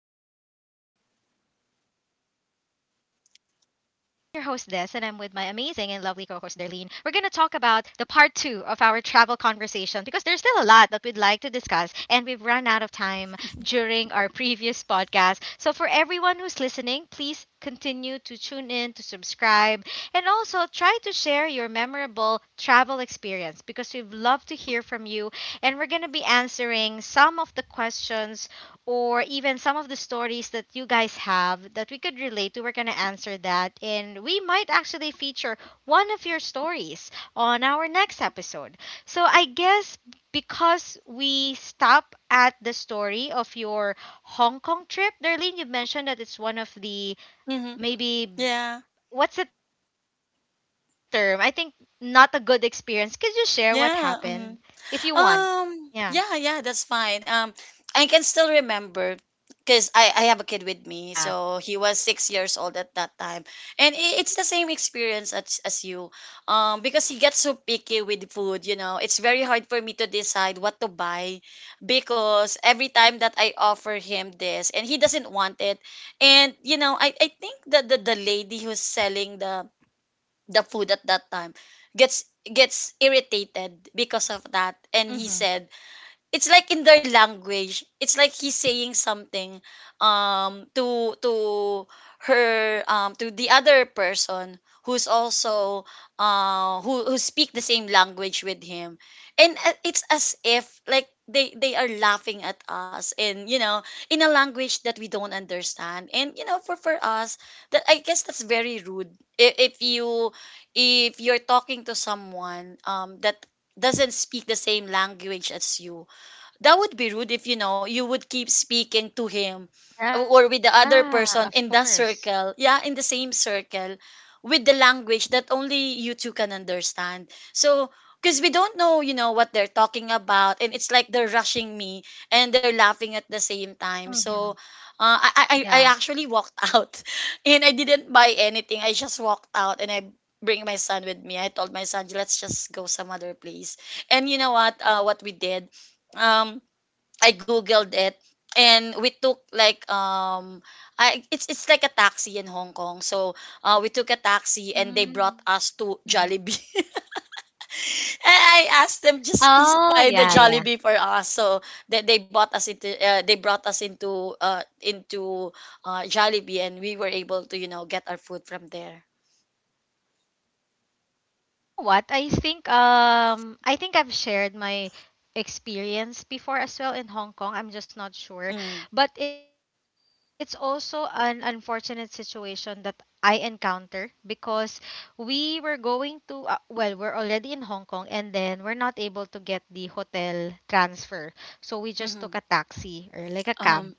to our podcast. I'm your host, Des, and I'm with my amazing and lovely co host, Darlene. We're going to talk about the part two of our travel conversation because there's still a lot that we'd like to discuss, and we've run out of time during our previous podcast. So, for everyone who's listening, please continue to tune in, to subscribe, and also try to share your memorable travel experience because we'd love to hear from you and we're going to be answering some of the questions or even some of the stories that you guys have that we could relate to. We're going to answer that, and we might actually feature one of your stories on our next episode. So, I guess because we stop at the story of your Hong Kong trip, Darlene, you mentioned that it's one of Mhm. the Yeah. maybe what's the term? I think not a good experience. Could you share what Yeah. Mhm. happened if you want? Um. Yeah. Yeah. Yeah. That's fine. I can still remember because I have a kid with me, so he Yeah. was 6 years old at that time, and I it's the same experience as you. Because he gets so picky with food, you know, it's very hard for me to decide what to buy because every time that I offer him this, and he doesn't want it, and I think that the lady who's selling the food at that time gets gets irritated because of that and he said Mhm. it's like in their language it's like he's saying something to her, to the other person who's also who speak the same language with him, and it's as if like they are laughing at us, and you know, in a language that we don't understand. And you know, for us, that I guess that's very rude. If, if you if you're talking to someone, that doesn't speak the same language as you, that would be rude if, you know, you would keep speaking to him or with the other Yeah, person of in that course. circle, yeah, in the same circle, with the language that only you two can understand. So because we don't know, you know, what they're talking about, and it's like they're rushing me and they're laughing at the same time. So Mhm. I actually Yeah. walked out, and I didn't buy anything. I just walked out and I bring my son with me. I told my son, let's just go some other place. And you know what we did, um I googled it, and we took like, I it's like a taxi in Hong Kong. So we took a taxi and they brought us to Mhm. Jollibee. And I asked them, just please Oh, find a yeah, yeah. Jollibee for us. So they bought us into, they brought us into Jollibee, and we were able to, you know, get our food from there. Yeah, you know what? I think I've shared my experience before as well in Hong Kong. I'm just not sure. Mm. But it's also an unfortunate situation that I encounter because we were going to well, we're already in Hong Kong and then we're not able to get the hotel transfer. So we just took Mm-hmm. a taxi or like a Um. cab.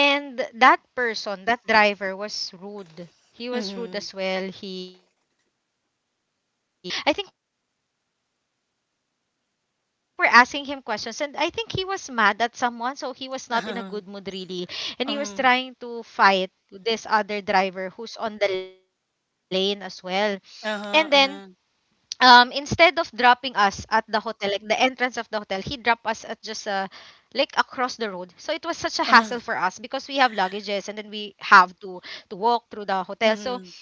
And that person, that driver was rude. He Mm-hmm. was rude as well. He didn't even help us with you know, the I think we're asking him questions and I think he was mad at someone, so he was not in Uh-huh. a good mood really. And he Um. was trying to fight this other driver who's on the lane as well. And Uh-huh. then Uh-huh. Instead of dropping us at the hotel like the entrance of the hotel, he dropped us at just like across the road. So it was such a hassle Uh-huh. for us because we have luggages and then we have to walk through the hotel. Mm-hmm. So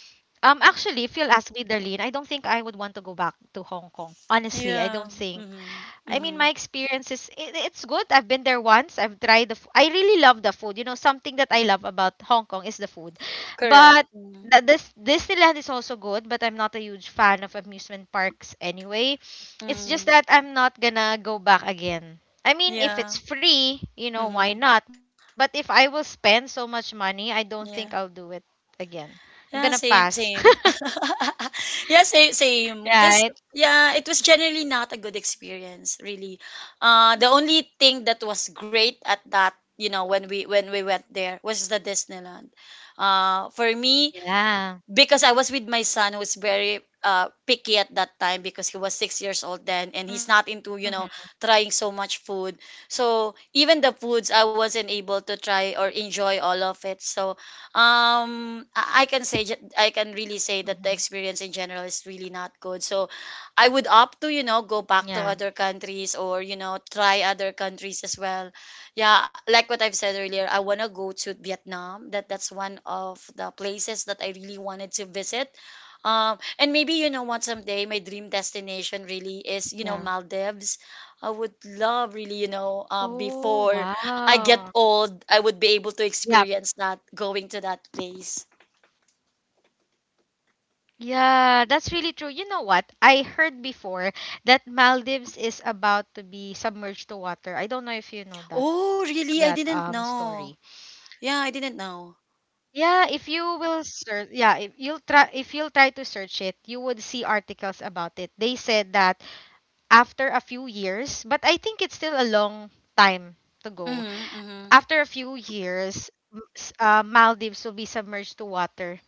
actually, if you'll ask me, Darlene, I don't think I would want to go back to Hong Kong, Yeah. honestly. I don't Mm-hmm. think Mm-hmm. I mean, my experience is it's good. I've been there once. I've tried the. I really love the food. You know, something that I love about Hong Kong is the food, Correct. but this Disneyland is also good. But I'm not a huge fan of amusement parks anyway. It's just mm, that I'm not gonna go back again. I mean, yeah. if it's free, you Mm, know, why not? But if I will spend so much money, I don't think yeah. I'll do it again. I'm Yeah, gonna same, pass. same. Yeah, same, Right? same. Cause yeah, it was generally not a good experience, really. The Mm-hmm. only True. thing that was great at that, you know, when we went there was the Disneyland. For me, Yeah. because I was with my son who was very picky at that time because he was 6 years old then, and he's not into, you Mm-hmm. know, trying so much food. So even the foods I wasn't Yeah. able to try or enjoy all of it. So I can say I can Mm-hmm. really say that the experience Mm-hmm. in general is really not good. So I would opt to, you know, go back to other Yeah, countries or, you know, try other countries as well. Yeah, like what I've said earlier, I want to go to Vietnam. That's one of the places that I really wanted to visit. And maybe, you know what, someday, my dream destination really is, you know, Maldives. yeah. I would love, really, you know, Oh, before I get wow. old, I would be able to Yep. experience that, going to that place. Yeah, that's really true. You know what? I heard before that Maldives is about to be submerged to water. I don't know if you know that Oh, really? that I didn't story. know. Yeah, I didn't know. Yeah, if you will search, yeah, if you'll try to search it, you would see articles about it. They said that after a few years, but I think it's still a long time to go. Mm-hmm, mm-hmm. After a few years, Maldives will be submerged to water.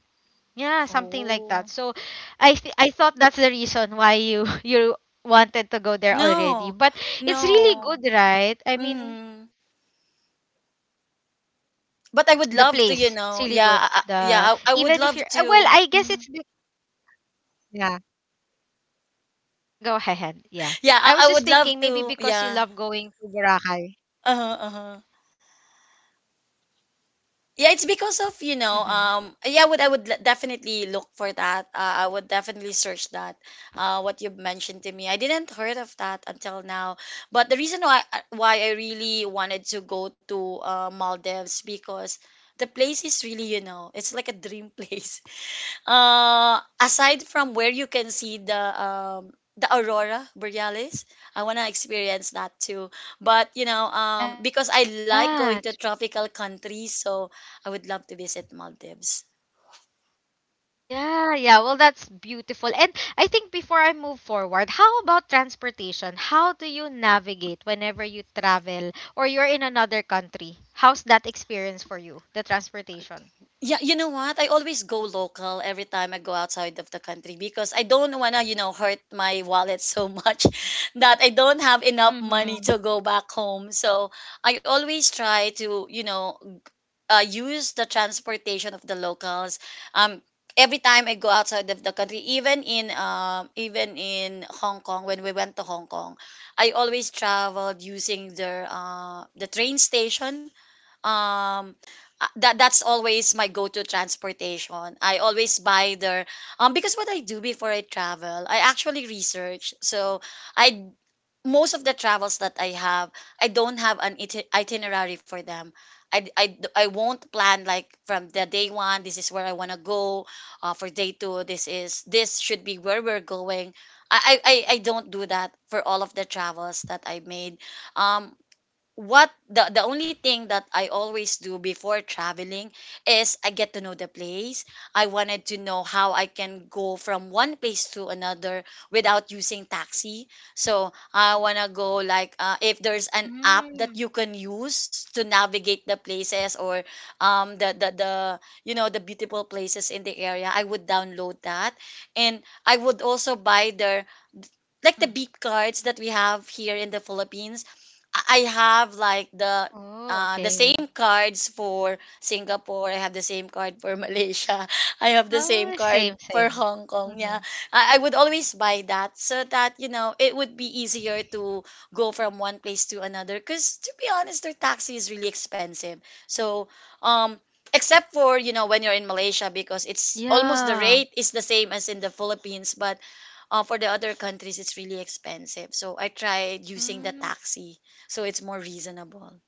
Yeah, something like that. Oh, So I thought that's the reason why you you wanted to go there already. no, But it's no. really good, right? I mean, Mm-hmm. the place it's really But I would good. love to, you know, The yeah, even yeah, if I you're would love well, I to. guess Mhm. it's yeah. Yeah, Yeah, go I would love ahead. Yeah. to. I was Yeah. just thinking maybe because you love going Uh-huh, to uh-huh. Boracay. Yeah, it's because of, you know, yeah, definitely Mhm. look for that. I would definitely search that. Uh, what you've mentioned to me, I didn't heard of that until now. But the reason why, why I really wanted to go to Maldives, because the place is really, you know, it's like a dream place. Aside from where you can see the aurora borealis, I wanna experience that too. But you know, because I Yeah, like going to tropical countries, so I would love to visit Maldives. yeah, yeah. Well, that's beautiful. And I think before I move forward, how about transportation? How do you navigate whenever you travel or you're in another country? How's that experience for you, the transportation? Yeah, you know what? I always go local every time I go outside of the country, because I don't wanna, you know, hurt my wallet so much that I don't have enough money Mm-hmm. to go back home. So I always try to, you know, use the transportation of the locals. Um, every time I go outside of the country, even in, even in Hong Kong, when we went to Hong Kong, I always traveled using the, the train station. Um, that's always my go-to transportation. I always buy their, because what I do before I travel, I actually research. So I most of the travels that I have, I don't have an itinerary for them. I won't plan like from the day one, this is where I want to go. For day two, this should be where we're going. I don't do that for all of the travels that I made. Um, what the only thing that I always do before traveling is I get to know the place. I wanted to know how I can go from one place to another without using taxi. So I wanna go like, if there's Mm. an app that you can use to navigate the places or, Yep. The, you know, the beautiful places in the area. I would download that, and I would also buy their, Mm. like the beep cards that we have here in the Philippines. I have like Oh, the, okay, yeah. The same cards for Singapore. I have the same card for Malaysia. I Oh, have the same, same same. card for Mm-hmm. Hong Kong. Yeah, I would always buy that, so that, you know, it would be easier to go from one place to another. Cause to be honest, their taxi is really expensive. So um, except for, you know, when Yeah. you're in Malaysia, because it's almost the rate is the same as in the Philippines, but for the other countries it's really Mm. expensive, so I tried using the taxi, so it's more reasonable.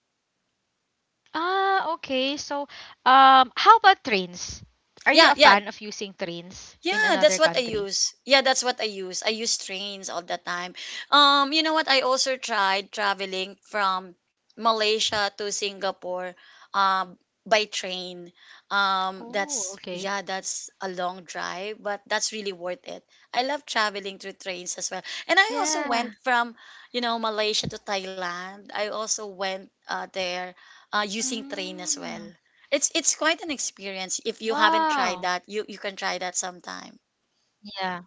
Ah, okay. So, how about trains? Are you a fan of using Yeah, yeah. trains in another country? Yeah, that's what I use. Yeah, that's what I use. I use trains all the time. You know what? I also tried traveling from Malaysia to Singapore, um, by train. Oh, okay. that's, yeah, that's a long drive, but that's really worth it. I love traveling through trains as well. And I Yeah. also went from, you know, Malaysia to Thailand. I also went there using train as well. Mm. It's quite an experience. If you haven't tried Wow. that, you can try that sometime. Yeah.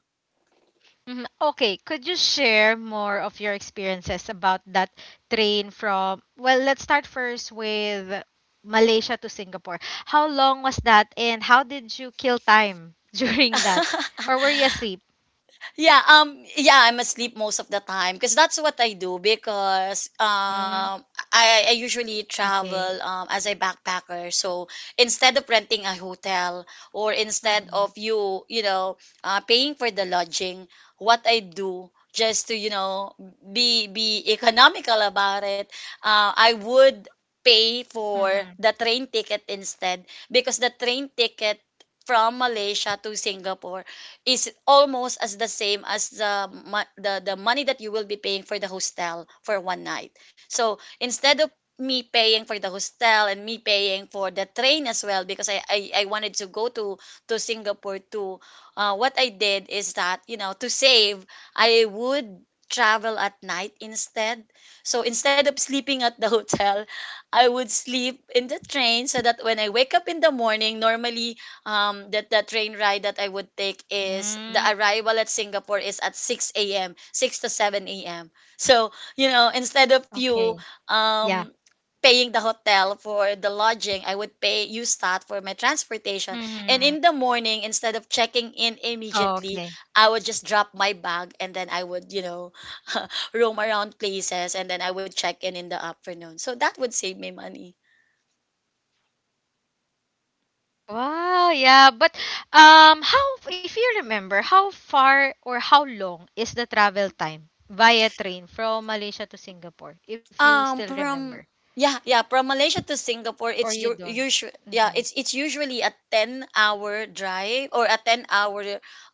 Mhm. Okay, could you share more of your experiences about that train from, well, let's start first with Malaysia to Singapore. How long was that and how did you kill time during that? Or were you asleep? Yeah, yeah, I'm asleep most of the time because that's what I do. Because Mm, I usually okay. travel, as a backpacker. So instead of renting a hotel, or Mm-hmm. instead of you, you know, paying for the lodging, what I do just to, you know, be economical about it, I would pay Mm-hmm. for the train ticket instead, because the train ticket from Malaysia to Singapore is almost as the same as the, the money that you will be paying for the hostel for one night. So instead of me paying for the hostel and me paying for the train as well, because I wanted to go to Singapore too. What I did is that, you know, to save, I would travel at night instead. So instead of sleeping at the hotel, I would sleep in the train, so that when I wake up in the morning, normally that the train ride that I would take is, Mm, the arrival at Singapore is at 6 a.m. 6 to 7 a.m. So, you know, instead of you okay. um Yeah. paying the hotel for the lodging, I would pay, use that for my transportation. And Mm-hmm. in the morning, instead of checking in immediately, I Okay. would just drop my bag and then I would, you know, roam around places and then I would check in the afternoon. So that would save me money. Wow, yeah, but how, if you remember, how far or how long is the travel time via train from Malaysia to Singapore, if you still remember from, yeah, yeah, from Malaysia to Singapore, or it's you your don't? usual, yeah, Mm-hmm. It's usually a 10 hour drive or a 10 hour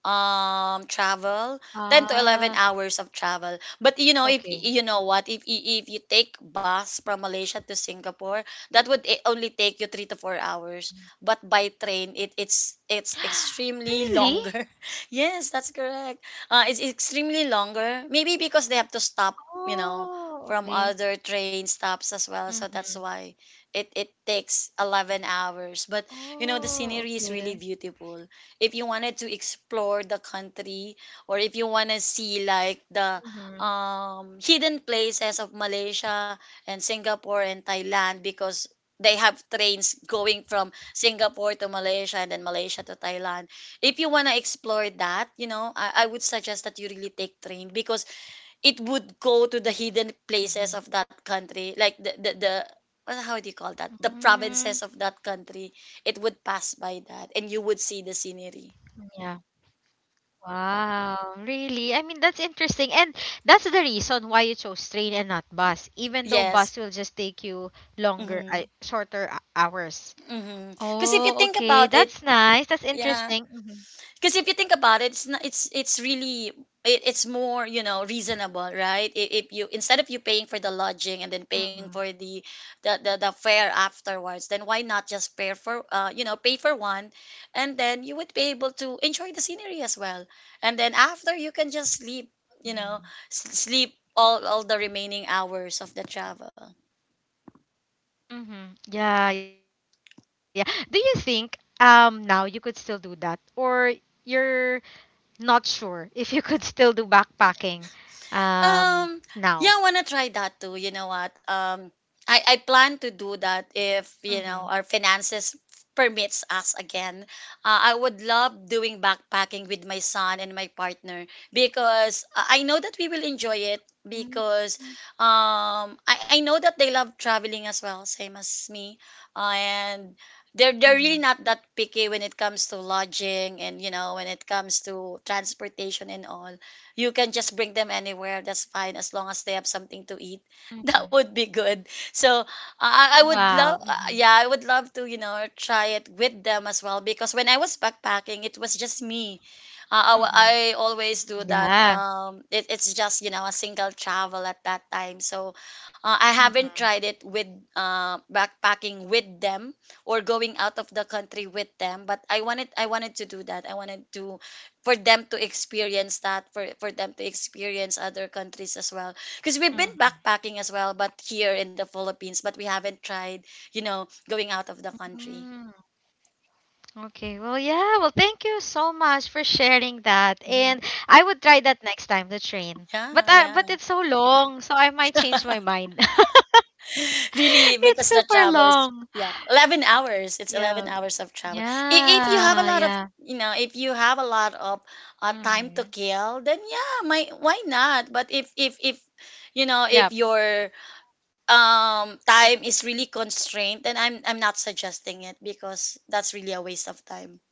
travel, ten to eleven Ah, hours of travel. But you know, if you know okay. what, if you take bus from Malaysia to Singapore, that would only take you 3 to 4 hours. But by train, it's extremely longer. Really? Yes, that's correct. It's extremely longer. Maybe because they have to stop. You know, from Oh, other okay. train stops as well. So that's why Mm-hmm. It takes 11 hours. But you know, the scenery is Oh, really okay. beautiful. If you wanted to explore the country or if you want to Mm-hmm. see like the hidden places of Malaysia and Singapore and Thailand because they have trains going from Singapore to Malaysia and then Malaysia to Thailand. If you want to explore that, you know, I would suggest that you really take train because it would go to the hidden places Mm-hmm. of that country like the well, how do you call that, the Mm, provinces of that country. It would pass by that and you would see the scenery. yeah. Wow, really? I mean, that's interesting. And that's the reason why you chose train and not bus, even though Yes, bus will just take you longer, mm-hmm. Shorter hours. Mm-hmm, because if you Oh, think okay. about it, That's nice. That's yeah, interesting. Mhm. because if you think about it, it's not, it's really it's more, you know, reasonable, right? If you, instead of you paying for the lodging and then paying for the Mhm. the fare afterwards, then why not just pay for you know, pay for one, and then you would be able to enjoy the scenery as well, and then after you can just sleep, you know, sleep Mhm. all the remaining hours of the travel. Mhm. Yeah, yeah. Do you think now you could still do that or you're not sure if you could still do backpacking um Um, yeah, now? I wanna try that too. You know what? I plan to do that if, you know, our Mhm. finances permits us again. I would love doing backpacking with my son and my partner because I know that we will enjoy it because Mm, I know that they love traveling as well, same as me, and. They're really not that mhm, picky when it comes to lodging and, you know, when it comes to transportation and all. You can just bring them anywhere. That's fine as long as they have something to eat. That mhm. would be good. So I would love, Wow. yeah, Mm-hmm. I would love to, you know, try it with them as well because when I was backpacking, it was just me. I Mhm. always do that. Yeah. It's just, you know, a single travel at that time. So I haven't tried Mhm. it with backpacking with them or going out of the country with them, but I wanted to do that. I wanted to, for them to experience that, for them to experience other countries as well because we've been Mhm. backpacking as well, but here in the Philippines, but we haven't tried, you know, going out of the country. Mm, okay. Well, yeah. Well, thank you so much for sharing that. Mhm. And I would try that next time, the train. Yeah yeah But it's so long, so I might change my mind. really, because It's the super travel is, long. yeah, 11 hours. It's 11 Yeah. hours of travel. If you have a lot Yeah. of, Yeah. you know, if you have a lot of Mhm. time to kill, then yeah, my why not, but if you know, Yeah. if your time is really constrained, then I'm not suggesting it because that's really a waste of time.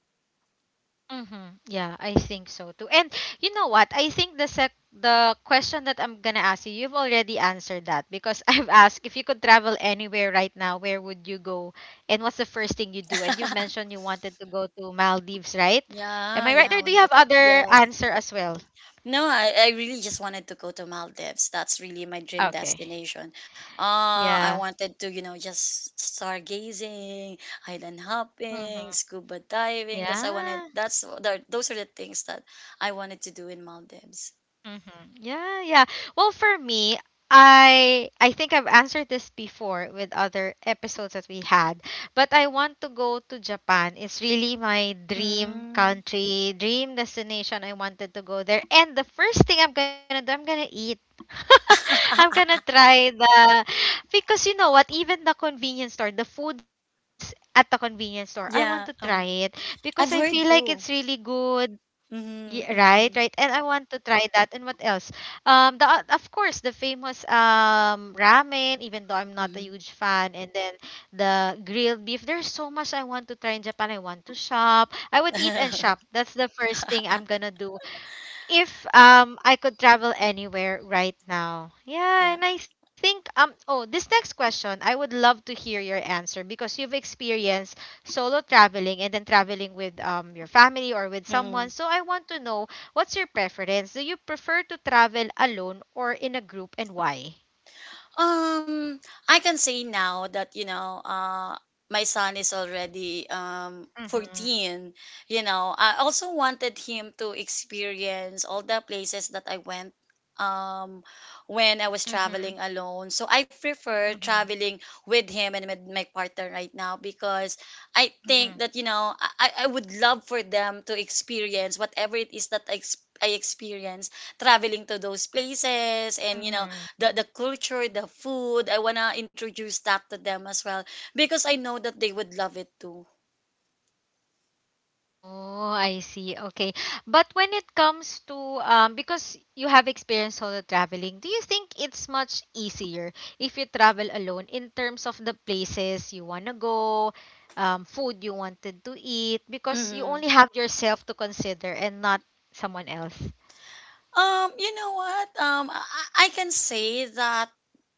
Mm-hmm. Yeah, I think so too. And you know what? I think the sec the question that I'm gonna ask you, you've already answered that because I've asked, if you could travel anywhere right now, where would you go, and what's the first thing you do? And you've mentioned you wanted to go to Maldives, right? Am yeah I right, yeah I or do want you to go have to, other yes, answer as well? no, I really just wanted to go to Maldives. That's really my dream Okay. destination. Uh, I Yeah. wanted to, you know, just stargazing, island Mm-hmm. hopping, scuba diving. That's, I Yeah. wanted that's the- those are the things that I wanted to do in Maldives. Mm-hmm. Yeah, yeah. Well, for me, I think I've answered this before with other episodes that we had, but I want to go to Japan. It's really my dream Mm. country, dream destination. I wanted to go there. And the first thing I'm gonna do, I'm gonna eat. I'm gonna try the because you know what, even the convenience store, the foods at the convenience store, I want to try Yeah. it because I feel like I've it's heard really too. good. Yeah, right, Mm-hmm, right. And mm-hmm. I want to try that. And what else? The of course the famous ramen. Even though I'm not a Hmm. huge fan, and then the grilled beef. There's so much I want to try in Japan. I want to shop. I would eat and shop. That's the first thing I'm gonna do if I could travel anywhere right now. Yeah, and Yeah. I think oh, this next question, I would love to hear your answer because you've experienced solo traveling and then traveling with your family or with Hmm. someone. So I want to know, what's your preference? Do you prefer to travel alone or in a group, and why? Um, I can say now that, you know, my son is already Mhm. 14. You know, I also wanted him to experience all the places that I went um when I was traveling Mhm. alone. So I prefer Mhm. traveling with him and with my partner right now because I think Mhm. that, you know, I would love for them to experience whatever it is that I experience traveling to those places, and you know, Mhm. The culture, the food. I wanna introduce that to them as well because I know that they would love it too. Oh, I see. Okay. But when it comes to because you have experience solo traveling, do you think it's much easier if you travel alone in terms of the places you want to go, food you wanted to eat because you Hmm. only have yourself to consider and not someone else? You know what? I can say that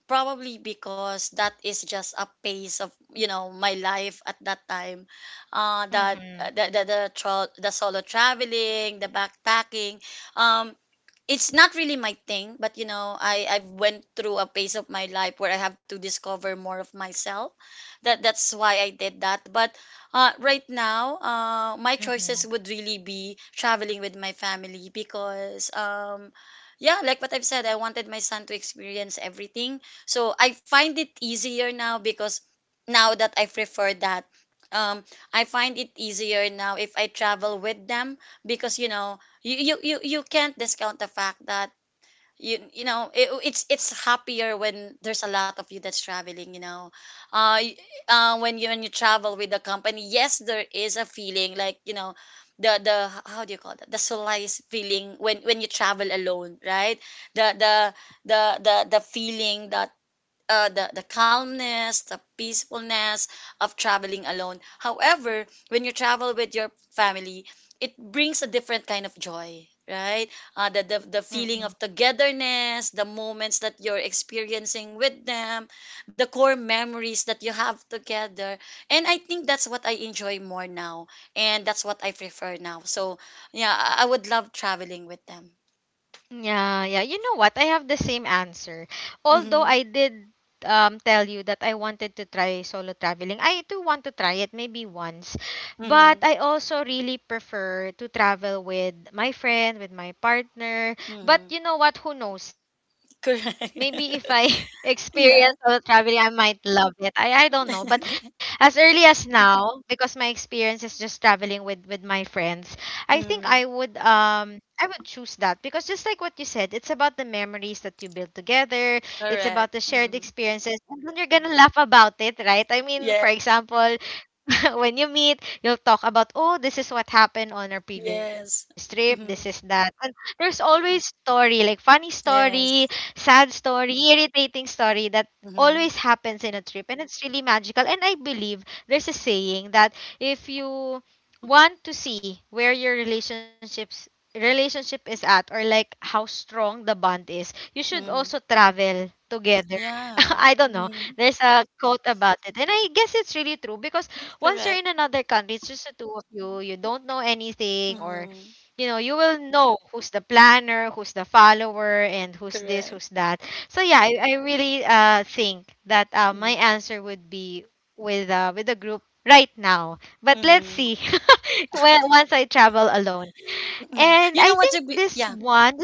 probably because that is just a pace of, you know, my life at that time. That Mhm. The, tra- The solo traveling, the backpacking. Um, it's not really my thing, but you know, I've went through a phase of my life where I have to discover more of myself. That's why I did that, but right now my choices Mhm. would really be traveling with my family because yeah, like what I've said, I wanted my son to experience everything. So I find it easier now because now that I prefer that, um I find it easier now if I travel with them because, you know, you can't discount the fact that you know, it's happier when there's a lot of you that's traveling, you know. uh, y- uh, when you travel with the company, yes, there is a feeling like, you know, the how do you call that, the solace feeling when you travel alone, right? the the the feeling that the calmness, the peacefulness of traveling alone. However, when you travel with your family, it brings a different kind of joy, right? The Mhm. feeling of togetherness, the moments that you're experiencing with them, the core memories that you have together, and I think that's what I enjoy more now, and that's what I prefer now. So yeah, I would love traveling with them. Yeah, yeah. You know what? I have the same answer. Although Mm-hmm. I did tell you that I wanted to try solo traveling. I do want to try it maybe once. But Mm-hmm. I also really prefer to travel with my friend, with my partner. Mm-hmm. But you know what? Who knows? Maybe if I Correct. experience solo Yeah. traveling, I might love it. I don't know. But as early as now, because my experience is just traveling with my friends, I think Mm-hmm. I would choose that because just like what you said, it's about the memories that you build together. It's about Correct. the shared Mm-hmm. experiences, and then you're gonna laugh about it, right? I Yeah. mean, for example, when you meet, you'll talk about, oh, this is what happened on our previous Yes. trip. This is Mm-hmm. that, and there's always story, like funny story, Yes. sad story, irritating story that Mm-hmm. always happens in a trip, and it's really magical. And I believe there's a saying that if you want to see where your relationship is at, or like how strong the bond is, you should Mm-hmm. also travel together. Yeah. I don't know. Mm-hmm. There's a quote about it. And I guess it's really true because once you're Correct. in another country, it's just the two of you. You don't know anything or Mm-hmm. you know, you will know who's the planner, who's the follower, and who's this, Correct. who's that. So yeah, I really think that my Mm-hmm. answer would be with a group right now. But let's Mm-hmm. see when once I travel alone. Mm-hmm. And You I know what think to be? this Yeah. one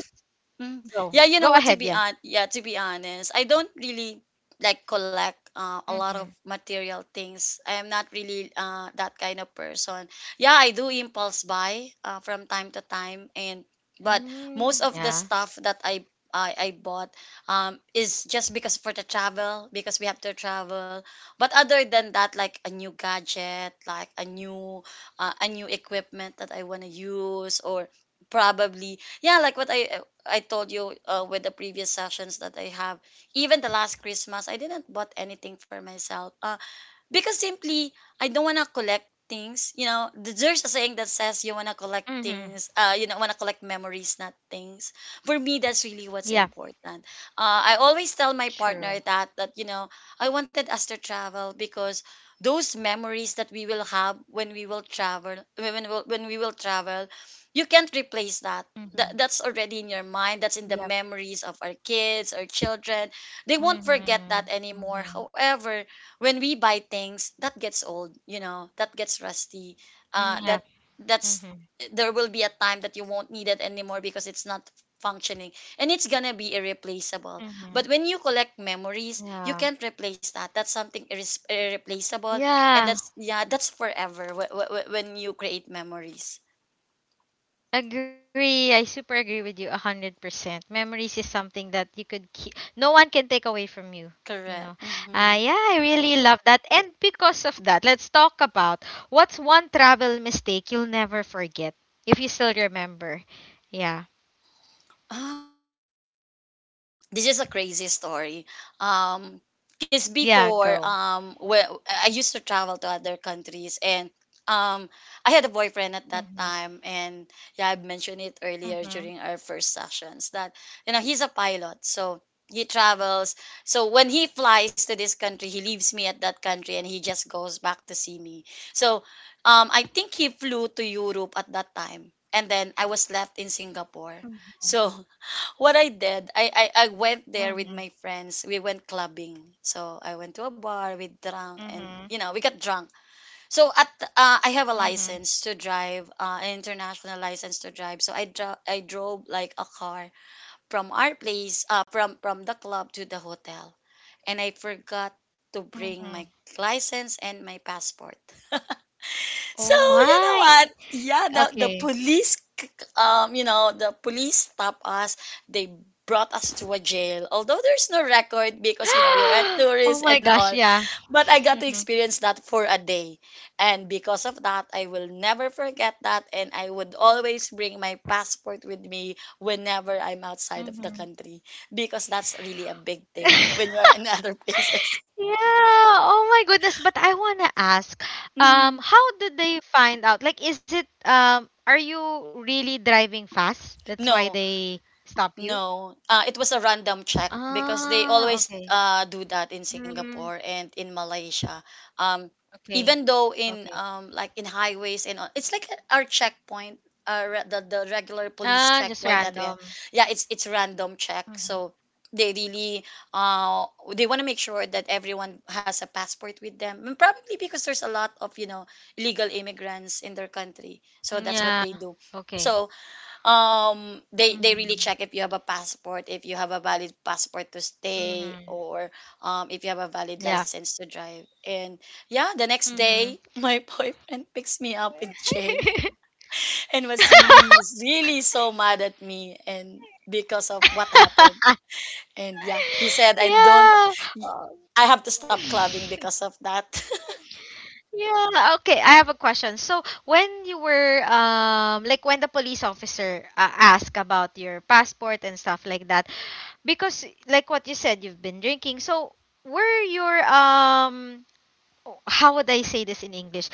Mm. go Yeah, you know go what? Ahead, yeah. Yeah, to be honest, I don't really like collect a lot of Mm-hmm. material things. I am not really that kind of person. Yeah, I do impulse buy from time to time, and but most Mm, of the yeah. stuff that I bought is just because for the travel, because we have to travel. But other than that, like a new gadget, like a new equipment that I wanna use, or probably yeah, like what I told you with the previous sessions that I have, even the last Christmas, I didn't bought anything for myself. Because simply I don't want to collect things. You know, there's a saying that says you want to collect things. Mm-hmm. You know, want to collect memories, not things. For me, that's really what's Yeah. important. I always tell my partner True. that you know, I wanted us to travel because those memories that we will have when we will travel, when we will travel, you can't replace that. That's Mm-hmm. already in your mind, that's in the Yep. memories of our kids or children. They won't forget that Mm-hmm. anymore. Mm-hmm. However, when we buy things, that gets old, you know, that gets rusty, uh that Yeah. that's, Mm-hmm. there will be a time that you won't need it anymore because it's not functioning, and it's gonna be irreplaceable. But Mm-hmm. when you collect memories, you can't Yeah. replace that. That's something irreplaceable, and that's, Yeah. yeah, that's forever when you create memories. Agree. I super agree with you 100%. Memories is something that you could keep, no one can take away from you. You Correct. know, Mm-hmm. Yeah, I really love that. And because of that, let's talk about what's one travel mistake you'll never forget if you still remember. Yeah, um this is a crazy story. Um, because yeah, go. before, when I used to travel to other countries, and um, I had a boyfriend at Mm-hmm. that time, and yeah, I mentioned it Mm-hmm. earlier during our first sessions that, you know, he's a pilot, so he travels. So when he flies to this country, he leaves me at that country, and he just goes back to see me. So I think he flew to Europe at that time, and then I was left in Singapore. So what I did, I went Mm-hmm. there with my friends. We went clubbing. So I went to a bar. We drank, Mm-hmm. and you know, we got drunk. So at I have a Mm-hmm. license to drive, an international license to drive. So I drove like a car from our place, from the club to the hotel, and I forgot to bring Hmm. my license and my passport. Oh So you know my. what? Yeah, the Okay. police, you know, the police stopped us. They brought us to a jail. Although there's no record because, you know, you're a Oh tourist my and gosh. all, Yeah. but I got to Mm-hmm. experience that for a day, and because of that, I will never forget that, and I would always bring my passport with me whenever I'm outside of the Mm-hmm. country because that's really a big thing when you're in other places. Yeah. Oh my goodness. But I wanna ask, Mhm. how did they find out? Like, is it are you really driving fast? That's why No, they stop you? No, it was a random check Ah, because okay. they always do that in Mm, Singapore and in Malaysia. Um, okay. even though Okay. in like in highways and all, it's like our checkpoint, the regular Ah, just police checkpoint that we random. have. Yeah, it's random check. Mhm. So they really uh they want to make sure that everyone has a passport with them. And probably because there's a lot of, you know, illegal immigrants in their country, so that's Yeah. what they do. Okay. So they really Mm-hmm. check if you have a passport, if you have a valid passport to stay, Mm-hmm. or if you have a valid Yeah. license to drive. And yeah, the next day Mm-hmm. my boyfriend picks me up in jail and was really, really so mad at me and because of what happened. And yeah, he said, I don't Yeah. y- Oh. I have to stop clubbing because of that. Yeah, okay. I have a question. So, when you were like when the police officer asked about your passport and stuff like that, because like what you said, you've been drinking. So, were your oh, how would I say this in English?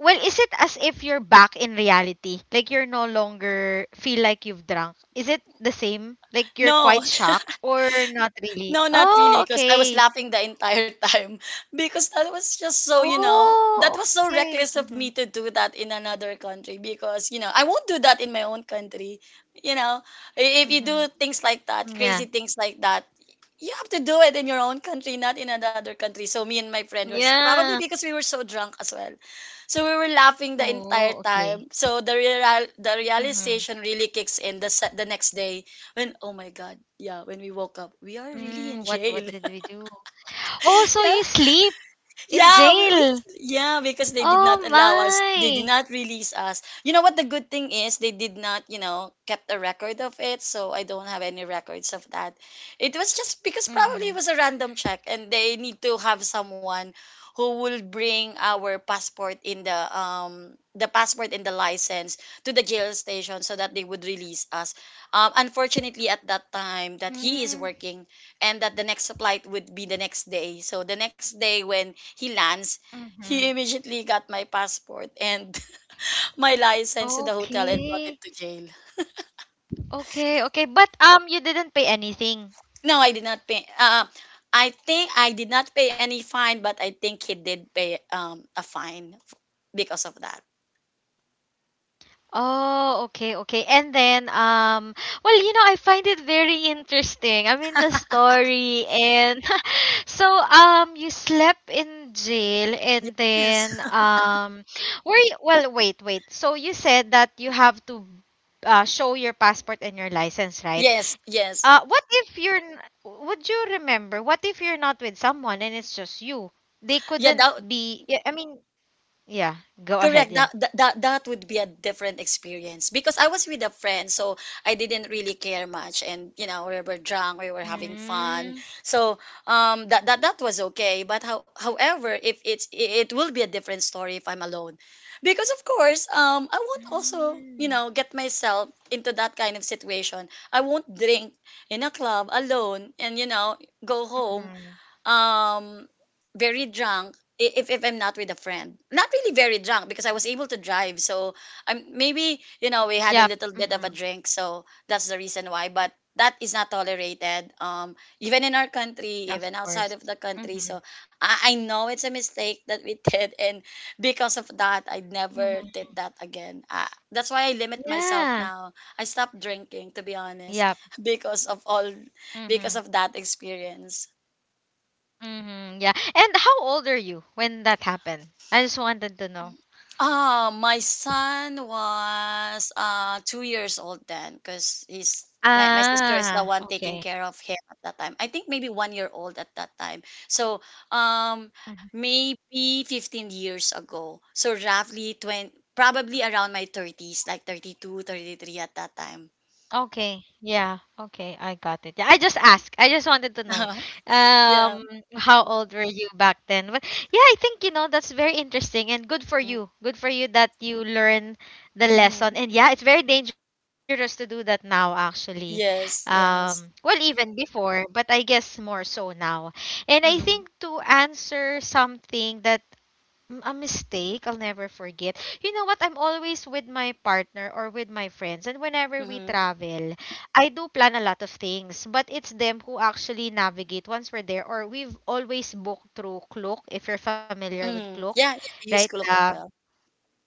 Well, is it as if you're back in reality? Like you're no longer feel like you've drunk. Is it the same? Like you're No quite shocked or not really? No, not really, Oh, because I was okay. laughing the entire time because that was just so, you know, that Oh, was so okay. reckless of me Mhm. to do that in another country because, you know, I won't do that in my own country. You know, if you do things like that, crazy Mhm. things like that, you have to do it in your own country, not in another country. So me and my friend were probably Yeah. because we were so drunk as well. So we were laughing the entire Oh, time. okay. So the Mm-hmm. realization really kicks in the next day when, oh my god, yeah, when we woke up, we are really Mm, in what jail. did we do? Oh, so Yeah, you sleep in yeah, we, we jail. yeah, because they did Oh not allow us. They my. did not release us. You know what the good thing is? They did not, kept a record of it, so I don't have any records of that. It was just because probably Mm-hmm. it was a random check and they need to have someone who will bring our passport in the passport and the license to the jail station so that they would release us. Unfortunately at that time that Mm-hmm. he is working, and that the next flight would be the next day. So the next day when he lands, Mm-hmm. he immediately got my passport and my license to the hotel and brought it Okay. to jail. Okay, okay. But you didn't pay anything. No, I did not pay. I think I did not pay any fine, but I think he did pay a fine because of that. Oh, okay, okay. And then, well, you know, I find it very interesting. I mean, the story and so, you slept in jail and Yes. then, were you, well, wait. So you said that you have to show your passport and your license, right? Yes, yes. What if you're, n- would you remember, what if you're not with someone and it's just you? They Yeah, couldn't that be, yeah, I mean, yeah, go ahead, correct yeah. that, that that that would be a different experience because I was with a friend, so I didn't really care much, and we were drunk, we were having fun. Mm. So that was okay. But however, if it's it will be a different story if I'm alone, because of course I won't also Mm. Get myself into that kind of situation. I won't drink in a club alone and go home Mhm. um very drunk, if I'm not with a friend. Not really very drunk, because I was able to drive. So I'm maybe, you know, we had a Yep. little bit of a Mhm. drink, so that's the reason why. But that is not tolerated. Even in our country, Of even outside course. of the country. Mhm. So I know it's a mistake that we did, and because of that I never Mhm. did that again. That's why I limit myself Yeah. now. I stopped drinking, to be honest, Yep. because of all, because Mhm. of that experience. Mhm. Yeah. And how old are you when that happened? I just wanted to know. My son was 2 years old then, because my sister is the Ah, one taking okay. care of him at that time. I think maybe 1 year old at that time. So um maybe 15 years ago. So roughly 20, probably around my thirties, like 32, 33 at that time. Okay. Yeah. Okay. I got it. Yeah, I just asked. I just wanted to know Yeah. um how old were you back then? But yeah, I think that's very interesting and good for Mm. you. Good for you that you learn the Mm-hmm. lesson. And yeah, it's very dangerous to do that now actually. Yes, Um, well, yes. even before, but I guess more so now. And I think Mm-hmm. to answer something that, mm, a mistake I'll never forget. You know what? I'm always with my partner or with my friends, and whenever we Mm-hmm. travel, I do plan a lot of things, but it's them who actually navigate once we're there. Or we've always booked through Klook, if you're familiar with Mm-hmm. Klook, Yeah, yeah. I use right? Klook as The, well.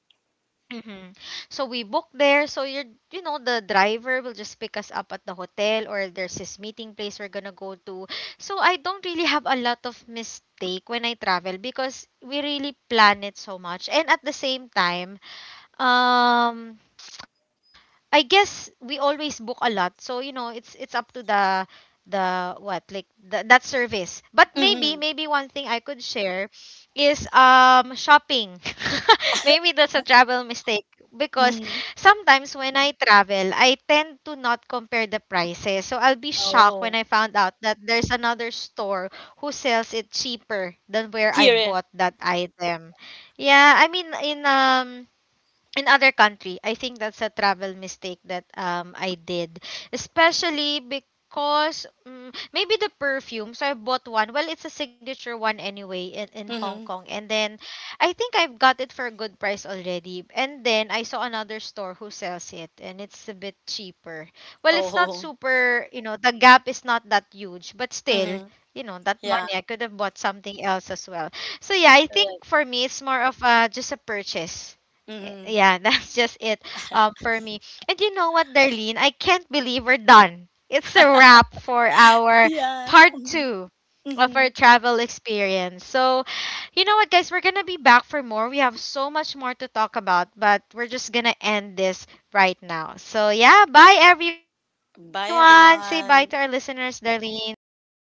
mm-hmm, so we book there. So you're, you know, the driver will just pick us up at the hotel or there's this meeting place we're gonna go to. So I don't really have a lot of mistake when I travel because we really plan it so much. And at the same time, um, I guess we always book a lot. So, you know, it's up to the what like the, that service. But maybe one Mm-hmm. thing I could share is shopping. Maybe that's a travel mistake because Mm-hmm. sometimes when I travel, I tend to not compare the prices. So I'll be shocked when Oh. I found out that there's another store who sells it cheaper than where I Here. Eh. bought that item. Yeah, I mean in other country, I think that's a travel mistake that I did, especially because, mm, maybe the perfume. So I bought one, well it's a signature one anyway, in Hong Mhm. Kong, and then I think I've got it for a good price already, and then I saw another store who sells it and it's a bit cheaper. Well, it's not Oh. super, you know, the gap is not that huge, but still, Mhm. you know, that Yeah. money I could have bought something else as well. So yeah, I Correct. think for me it's more of just a purchase. Eh, Mhm. yeah, that's just it, for me. And you know what, Darlene? I can't believe we're done. It's a wrap for our Yeah. part two of our Mhm. travel experience. So, you know what, guys? We're going to be back for more. We have so much more to talk about, but we're just going to end this right now. So, yeah, bye, Bye, everyone. Say bye everyone. to our listeners, Darlene. Bye bye.